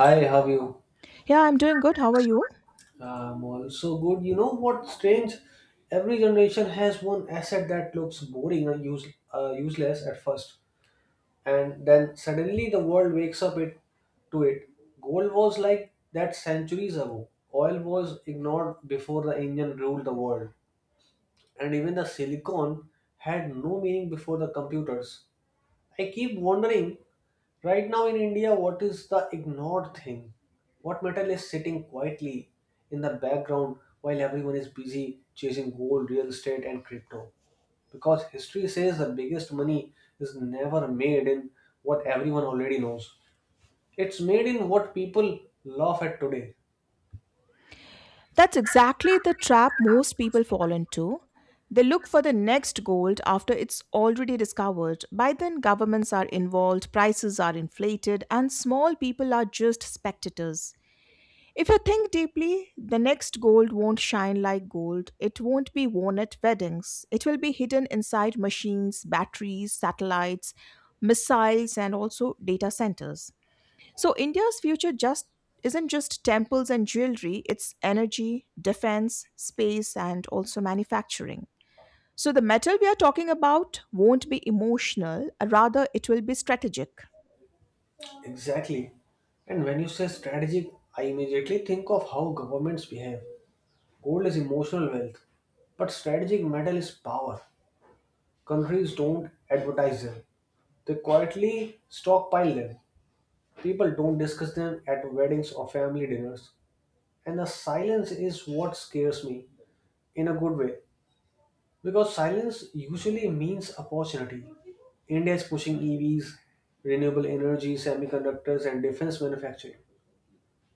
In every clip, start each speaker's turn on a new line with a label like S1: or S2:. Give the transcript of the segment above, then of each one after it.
S1: Hi, how are you?
S2: Yeah, I'm doing good. How are you?
S1: Also good. You know what? Strange. Every generation has one asset that looks boring and useless at first, and then suddenly the world wakes up it to it. Gold was like that centuries ago. Oil was ignored before the engine ruled the world, and even the silicon had no meaning before the computers. I keep wondering right now in India, what is the ignored thing? What metal is sitting quietly in the background while everyone is busy chasing gold, real estate, and crypto? Because history says the biggest money is never made in what everyone already knows. It's made in what people laugh at today.
S2: That's exactly the trap most people fall into. They look for the next gold after it's already discovered. By then, governments are involved, prices are inflated, and small people are just spectators. If you think deeply, the next gold won't shine like gold. It won't be worn at weddings. It will be hidden inside machines, batteries, satellites, missiles, and also data centers. So India's future just isn't just temples and jewelry, it's energy, defense, space, and also manufacturing. So the metal we are talking about won't be emotional, rather, it will be strategic.
S1: Exactly. And when you say strategic, I immediately think of how governments behave. Gold is emotional wealth, but strategic metal is power. Countries don't advertise them, they quietly stockpile them. People don't discuss them at weddings or family dinners. And the silence is what scares me, in a good way, because silence usually means opportunity. India is pushing EVs, renewable energy, semiconductors, and defense manufacturing.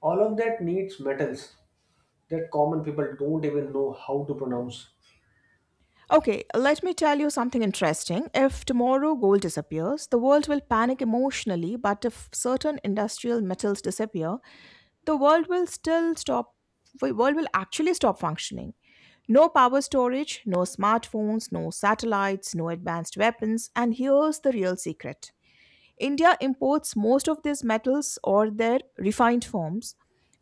S1: All of that needs metals that common people don't even know how to pronounce.
S2: Okay, let me tell you something interesting. If tomorrow gold disappears, the world will panic emotionally, but if certain industrial metals disappear, the world will still stop the world will actually stop functioning. No power storage, no smartphones, no satellites, no advanced weapons. And here's the real secret, India imports most of these metals or their refined forms.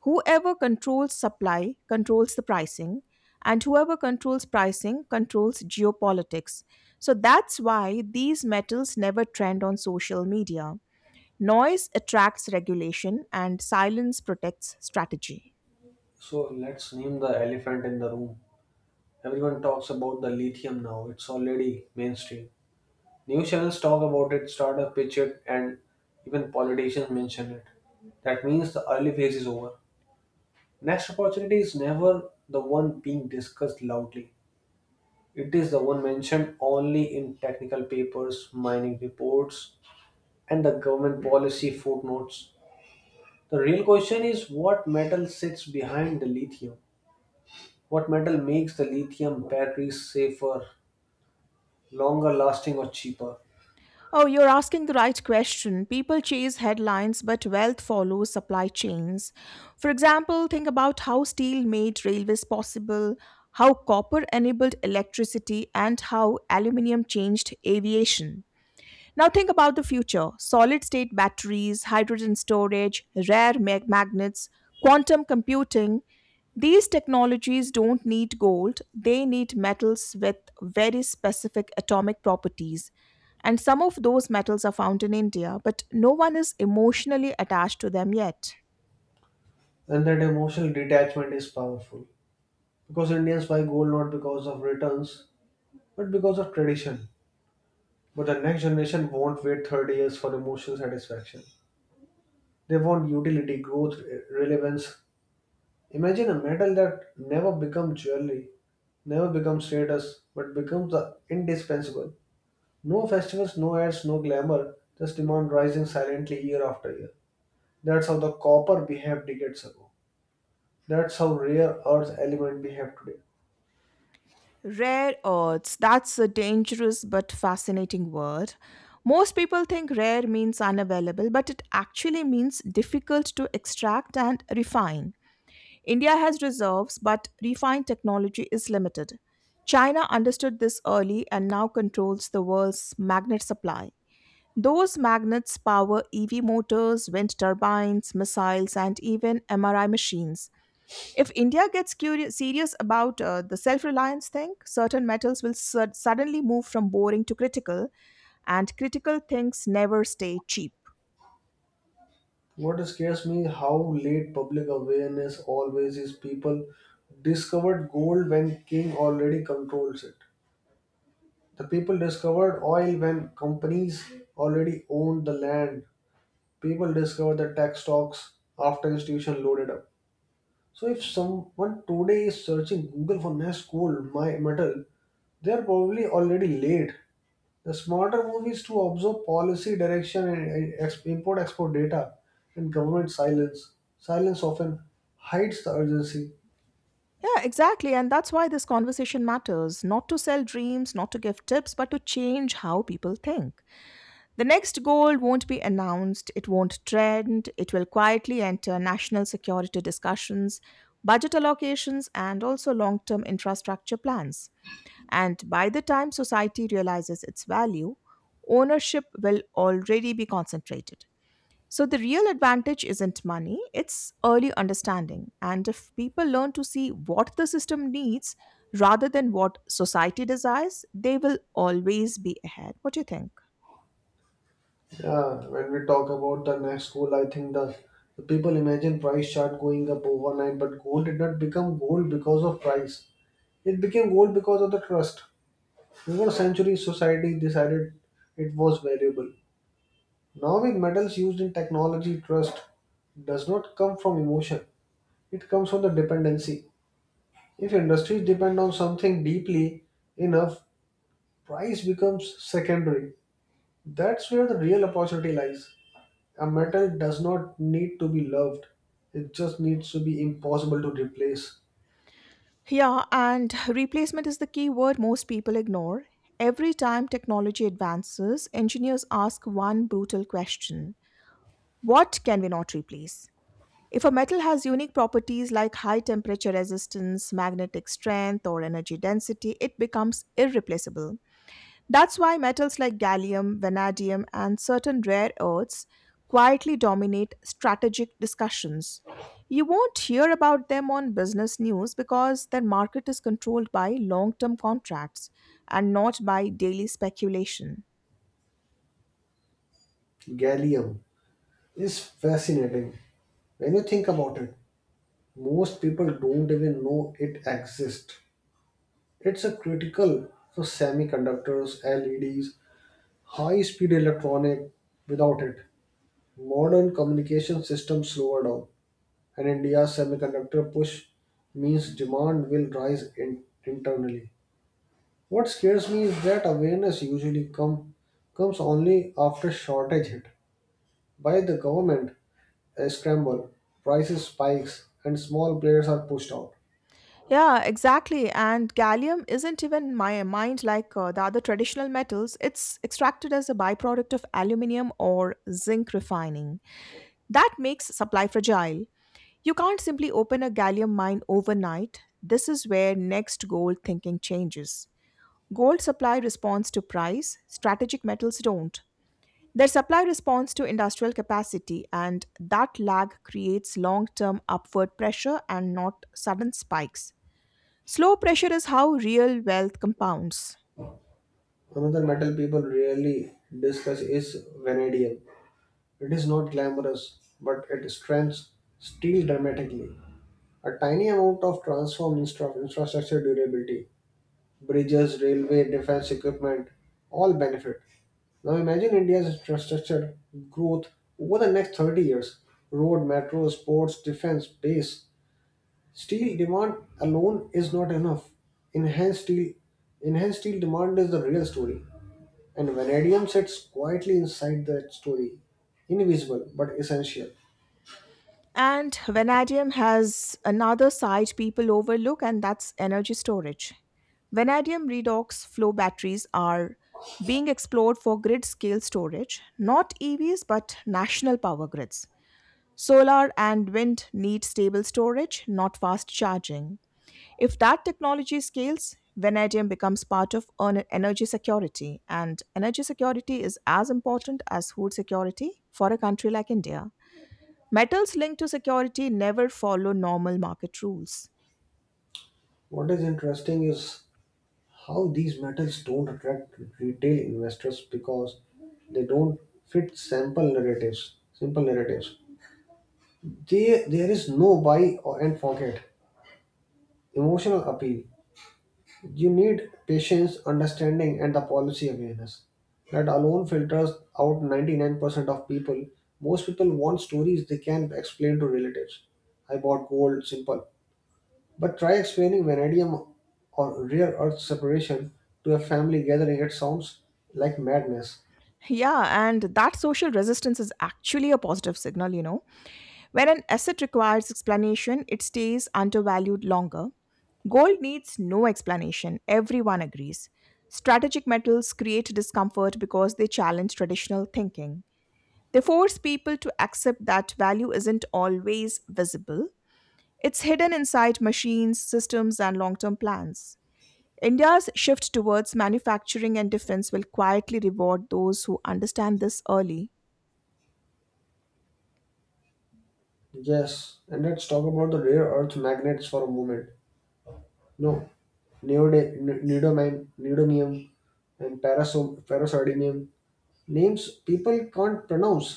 S2: Whoever controls supply controls the pricing, and whoever controls pricing controls geopolitics. So that's why these metals never trend on social media. Noise attracts regulation, and silence protects strategy.
S1: So let's name the elephant in the room. Everyone talks about the lithium now, it's already mainstream. News channels talk about it, startups pitch it, and even politicians mention it. That means the early phase is over. Next opportunity is never the one being discussed loudly. It is the one mentioned only in technical papers, mining reports, and the government policy footnotes. The real question is, what metal sits behind the lithium? What metal makes the lithium batteries safer, longer lasting, or cheaper?
S2: Oh, you're asking the right question. People chase headlines, but wealth follows supply chains. For example, think about how steel made railways possible, how copper enabled electricity, and how aluminium changed aviation. Now think about the future: solid state batteries, hydrogen storage, rare magnets, quantum computing. These technologies don't need gold, they need metals with very specific atomic properties. And some of those metals are found in India, but no one is emotionally attached to them yet.
S1: And that emotional detachment is powerful because Indians buy gold not because of returns but because of tradition. But the next generation won't wait 30 years for emotional satisfaction. They want utility, growth, relevance. Imagine a metal that never becomes jewelry, never becomes status, but becomes the indispensable. No festivals, no ads, no glamour, just demand rising silently year after year. That's how the copper behaved decades ago. That's how rare earth element behaved today.
S2: Rare earths, that's a dangerous but fascinating word. Most people think rare means unavailable, but it actually means difficult to extract and refine. India has reserves, but refined technology is limited. China understood this early and now controls the world's magnet supply. Those magnets power EV motors, wind turbines, missiles, and even MRI machines. If India gets curious, serious about the self reliance thing, certain metals will suddenly move from boring to critical, and critical things never stay cheap.
S1: What scares me how late public awareness always is. People discovered gold when king already controls it. The people discovered oil when companies already owned the land. People discovered the tech stocks after institution loaded up. So if someone today is searching Google for next gold my metal, they are probably already late. The smarter move is to observe policy direction and import export data and government silence. Silence often hides the urgency.
S2: Yeah, exactly. And that's why this conversation matters, not to sell dreams, not to give tips, but to change how people think. The next gold won't be announced, it won't trend, it will quietly enter national security discussions, budget allocations, and also long term infrastructure plans. And by the time society realizes its value, ownership will already be concentrated. So the real advantage isn't money, it's early understanding. And if people learn to see what the system needs rather than what society desires, they will always be ahead. What do you think?
S1: Yeah, when we talk about the next goal, I think the people imagine price chart going up overnight, but gold did not become gold because of price. It became gold because of the trust. Over century society decided it was valuable. Now with metals used in technology, trust does not come from emotion. It comes from the dependency. If industries depend on something deeply enough, price becomes secondary. That's where the real opportunity lies. A metal does not need to be loved, it just needs to be impossible to replace.
S2: Yeah, and replacement is the key word most people ignore. Every time technology advances, engineers ask one brutal question: what can we not replace? If a metal has unique properties like high temperature resistance, magnetic strength, or energy density, it becomes irreplaceable. That's why metals like gallium, vanadium, and certain rare earths quietly dominate strategic discussions. You won't hear about them on business news because their market is controlled by long term contracts and not by daily speculation.
S1: Gallium is fascinating. When you think about it, most people don't even know it exists. It's a critical for semiconductors, LEDs, high speed electronic. Without it, modern communication systems slower down. And India's semiconductor push means demand will rise in, internally. What scares me is that awareness usually comes only after shortage hit by the government. A scramble, prices spikes, and small players are pushed out.
S2: Yeah, exactly. And gallium isn't even mined like the other traditional metals. It's extracted as a byproduct of aluminium or zinc refining. That makes supply fragile. You can't simply open a gallium mine overnight. This is where next gold thinking changes. Gold supply responds to price, strategic metals don't. Their supply responds to industrial capacity, and that lag creates long term upward pressure and not sudden spikes. Slow pressure is how real wealth compounds.
S1: Another metal people rarely discuss is vanadium. It is not glamorous, but it strengthens steel dramatically. A tiny amount of transform infrastructure durability, bridges, railway, defense equipment, all benefit. Now imagine India's infrastructure growth over the next 30 years. Road, metro, ports, defense, base. Steel demand alone is not enough. Enhanced steel, enhanced steel demand is the real story. And vanadium sits quietly inside that story, invisible but essential.
S2: And vanadium has another side people overlook, and that's energy storage. Vanadium redox flow batteries are being explored for grid scale storage, not EVs but national power grids. Solar and wind need stable storage, not fast charging. If that technology scales, vanadium becomes part of energy security, and energy security is as important as food security for a country like India. Metals linked to security never follow normal market rules.
S1: What is interesting is how these metals don't attract retail investors because they don't fit sample narratives simple narratives. There is no buy or, and forget emotional appeal. You need patience, understanding, and the policy awareness. That alone filters out 99% of people. Most people want stories they can explain to relatives. I bought gold, simple. But try explaining vanadium or rare earth separation to a family gathering. It sounds like madness.
S2: Yeah, and that social resistance is actually a positive signal, you know. When an asset requires explanation, it stays undervalued longer. Gold needs no explanation, everyone agrees. Strategic metals create discomfort because they challenge traditional thinking. They force people to accept that value isn't always visible. It's hidden inside machines, systems, and long term plans. India's shift towards manufacturing and defense will quietly reward those who understand this early.
S1: Yes, and let's talk about the rare earth magnets for a moment. No, neodymium and paraso- ferrosardinium. Names people can't pronounce,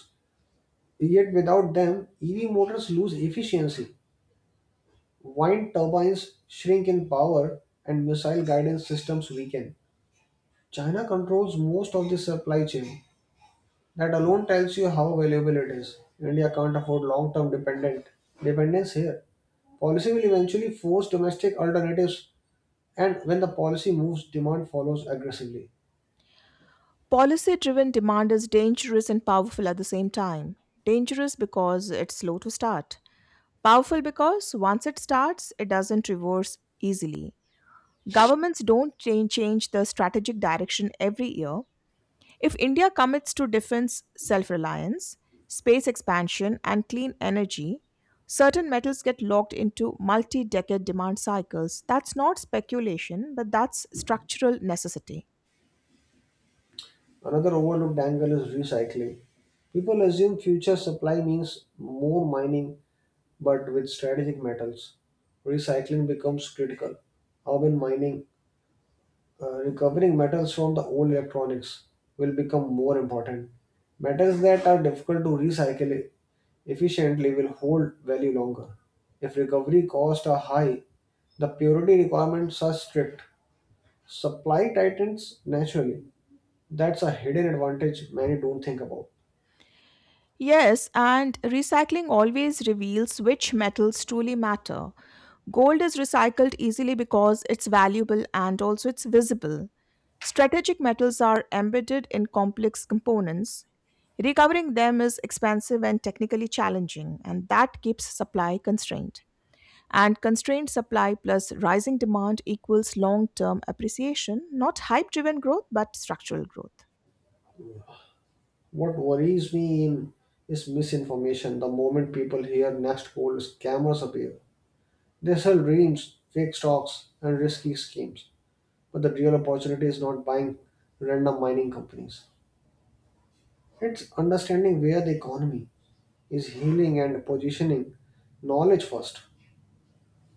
S1: yet without them, EV motors lose efficiency. Wind turbines shrink in power and missile guidance systems weaken. China controls most of the supply chain. That alone tells you how valuable it is. India can't afford long-term dependent dependence here. Policy will eventually force domestic alternatives, and when the policy moves, demand follows aggressively.
S2: Policy driven demand is dangerous and powerful at the same time. Dangerous because it's slow to start. Powerful because once it starts, it doesn't reverse easily. Governments don't change the strategic direction every year. If India commits to defense self reliance, space expansion, and clean energy, certain metals get locked into multi decade demand cycles. That's not speculation, but that's structural necessity.
S1: Another overlooked angle is recycling. People assume future supply means more mining, but with strategic metals, recycling becomes critical. Urban mining, recovering metals from the old electronics, will become more important. Metals that are difficult to recycle efficiently will hold value longer. If recovery costs are high, the purity requirements are strict. Supply tightens naturally. That's a hidden advantage many don't think about.
S2: Yes, and recycling always reveals which metals truly matter. Gold is recycled easily because it's valuable and also it's visible. Strategic metals are embedded in complex components. Recovering them is expensive and technically challenging, and that keeps supply constrained. And constrained supply plus rising demand equals long term appreciation, not hype driven growth, but structural growth.
S1: What worries me in is misinformation. The moment people hear Nest Gold, scammers appear. They sell dreams, fake stocks, and risky schemes. But the real opportunity is not buying random mining companies. It's understanding where the economy is healing and positioning knowledge first.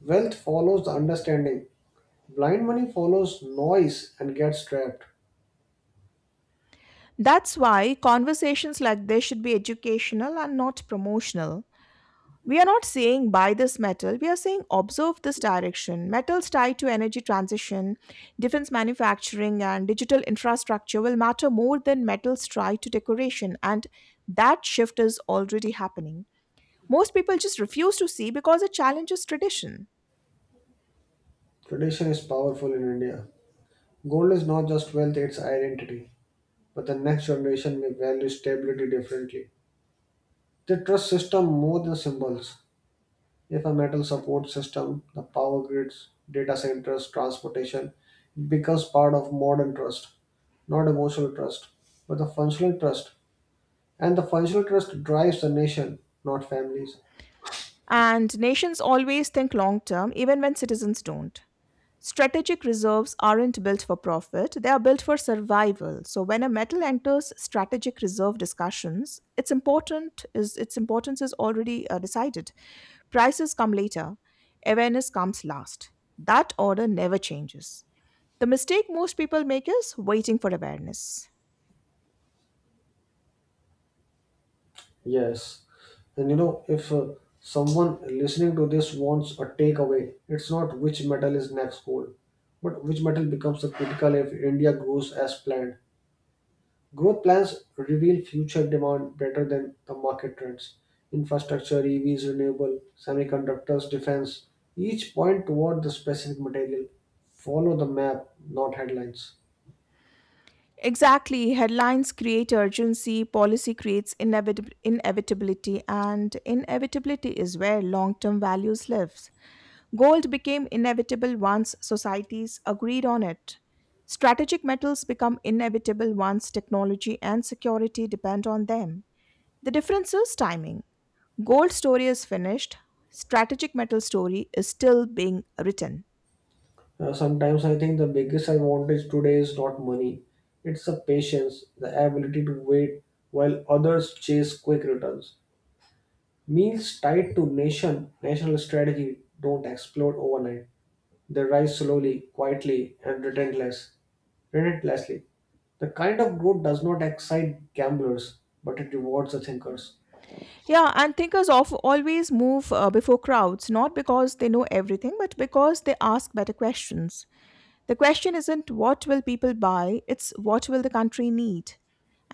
S1: Wealth follows the understanding. Blind money follows noise and gets trapped.
S2: That's why conversations like this should be educational and not promotional. We are not saying buy this metal, we are saying observe this direction. Metals tied to energy transition, defense manufacturing, and digital infrastructure will matter more than metals tied to decoration, and that shift is already happening. Most people just refuse to see because it challenges tradition.
S1: Tradition is powerful in India. Gold is not just wealth, it's identity. But the next generation may value stability differently. They trust system more than symbols. If a metal support system, the power grids, data centers, transportation, it becomes part of modern trust, not emotional trust, but the functional trust. And the functional trust drives the nation, not families.
S2: And nations always think long term, even when citizens don't. Strategic reserves aren't built for profit, they are built for survival. So when a metal enters strategic reserve discussions, its importance is already decided. Prices come later, awareness comes last. That order never changes. The mistake most people make is waiting for awareness.
S1: Yes. And you know, if someone listening to this wants a takeaway, it's not which metal is next cool, but which metal becomes the critical if India grows as planned. Growth plans reveal future demand better than the market trends. Infrastructure, EVs, renewable, semiconductors, defense, each point toward the specific material. Follow the map, not headlines.
S2: Exactly, headlines create urgency, policy creates inevitability, and inevitability is where long term values lives. Gold became inevitable once societies agreed on it. Strategic metals become inevitable once technology and security depend on them. The difference is timing. Gold story is finished, strategic metal story is still being written.
S1: Sometimes I think the biggest advantage today is not money, it's the patience, the ability to wait while others chase quick returns. Meals tied to nation, national strategy don't explode overnight. They rise slowly, quietly, and relentlessly. The kind of growth does not excite gamblers, but it rewards the thinkers.
S2: Yeah, and thinkers of always move before crowds, not because they know everything but because they ask better questions. The question isn't what will people buy, it's what will the country need.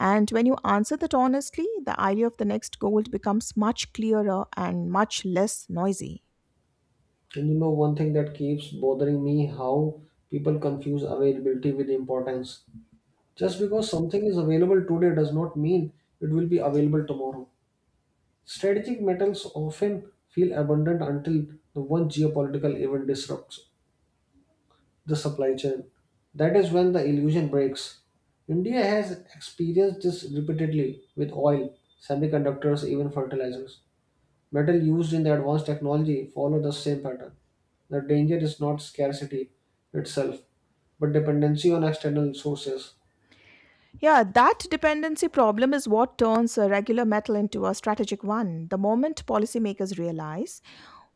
S2: And when you answer that honestly, the idea of the next goal becomes much clearer and much less noisy.
S1: And you know, one thing that keeps bothering me, how people confuse availability with importance. Just because something is available today does not mean it will be available tomorrow. Strategic metals often feel abundant until the one geopolitical event disrupts the supply chain. That is when the illusion breaks. India has experienced this repeatedly with oil, semiconductors, even fertilizers. Metal used in the advanced technology follow the same pattern. The danger is not scarcity itself, but dependency on external sources.
S2: Yeah, that dependency problem is what turns a regular metal into a strategic one. The moment policymakers realize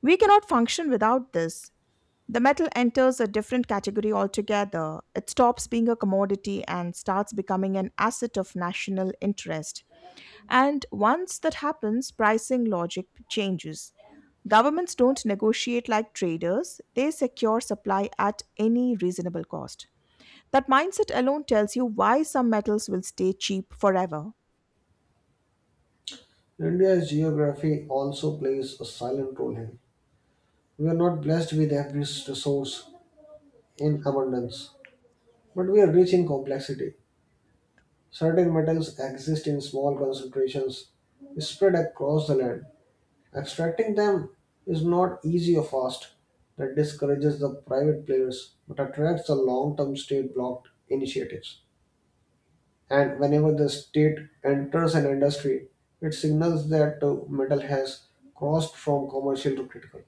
S2: we cannot function without this, the metal enters a different category altogether. It stops being a commodity and starts becoming an asset of national interest. And once that happens, pricing logic changes. Governments don't negotiate like traders, they secure supply at any reasonable cost. That mindset alone tells you why some metals will stay cheap forever.
S1: India's geography also plays a silent role here. We are not blessed with every resource in abundance, but we are rich in complexity. Certain metals exist in small concentrations spread across the land. Extracting them is not easy or fast. That discourages the private players but attracts the long term state blocked initiatives. And whenever the state enters an industry, it signals that metal has crossed from commercial to critical.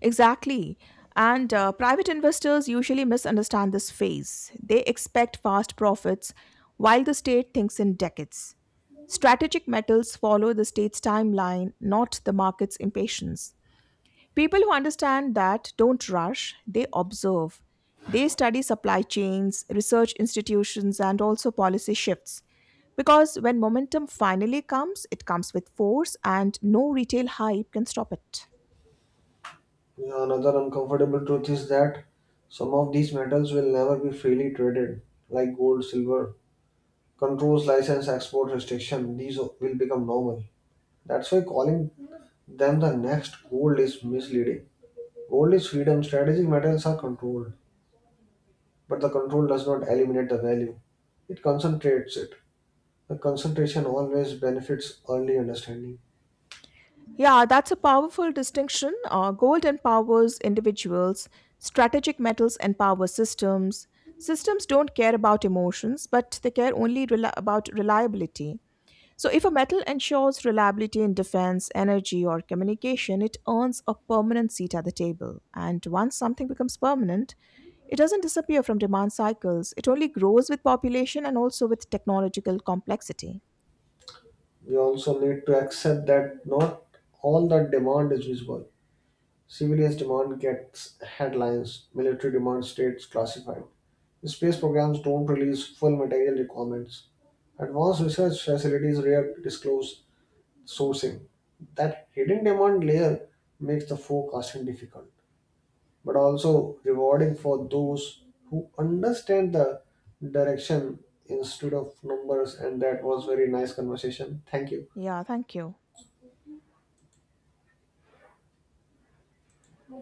S2: Exactly. And private investors usually misunderstand this phase. They expect fast profits while the state thinks in decades. Strategic metals follow the state's timeline, not the market's impatience. People who understand that don't rush, they observe. They study supply chains, research institutions, and also policy shifts. Because when momentum finally comes, it comes with force, and no retail hype can stop it.
S1: Yeah, another uncomfortable truth is that some of these metals will never be freely traded, like gold, silver. Controls, license, export restriction, these will become normal. That's why calling them the next gold is misleading. Gold is freedom, strategic metals are controlled, but the control does not eliminate the value, it concentrates it. The concentration always benefits early understanding.
S2: Yeah, that's a powerful distinction. Gold empowers individuals, strategic metals empower systems. Systems don't care about emotions, but they care about reliability. So, if a metal ensures reliability in defense, energy, or communication, it earns a permanent seat at the table. And once something becomes permanent, it doesn't disappear from demand cycles, it only grows with population and also with technological complexity.
S1: We also need to accept that not all that demand is visible. Civilians demand gets headlines, military demand stays classified. Space programs don't release full material requirements. Advanced research facilities rare disclose sourcing. That hidden demand layer makes the forecasting difficult, but also rewarding for those who understand the direction instead of numbers. And that was very nice conversation. Thank you.
S2: Yeah, thank you.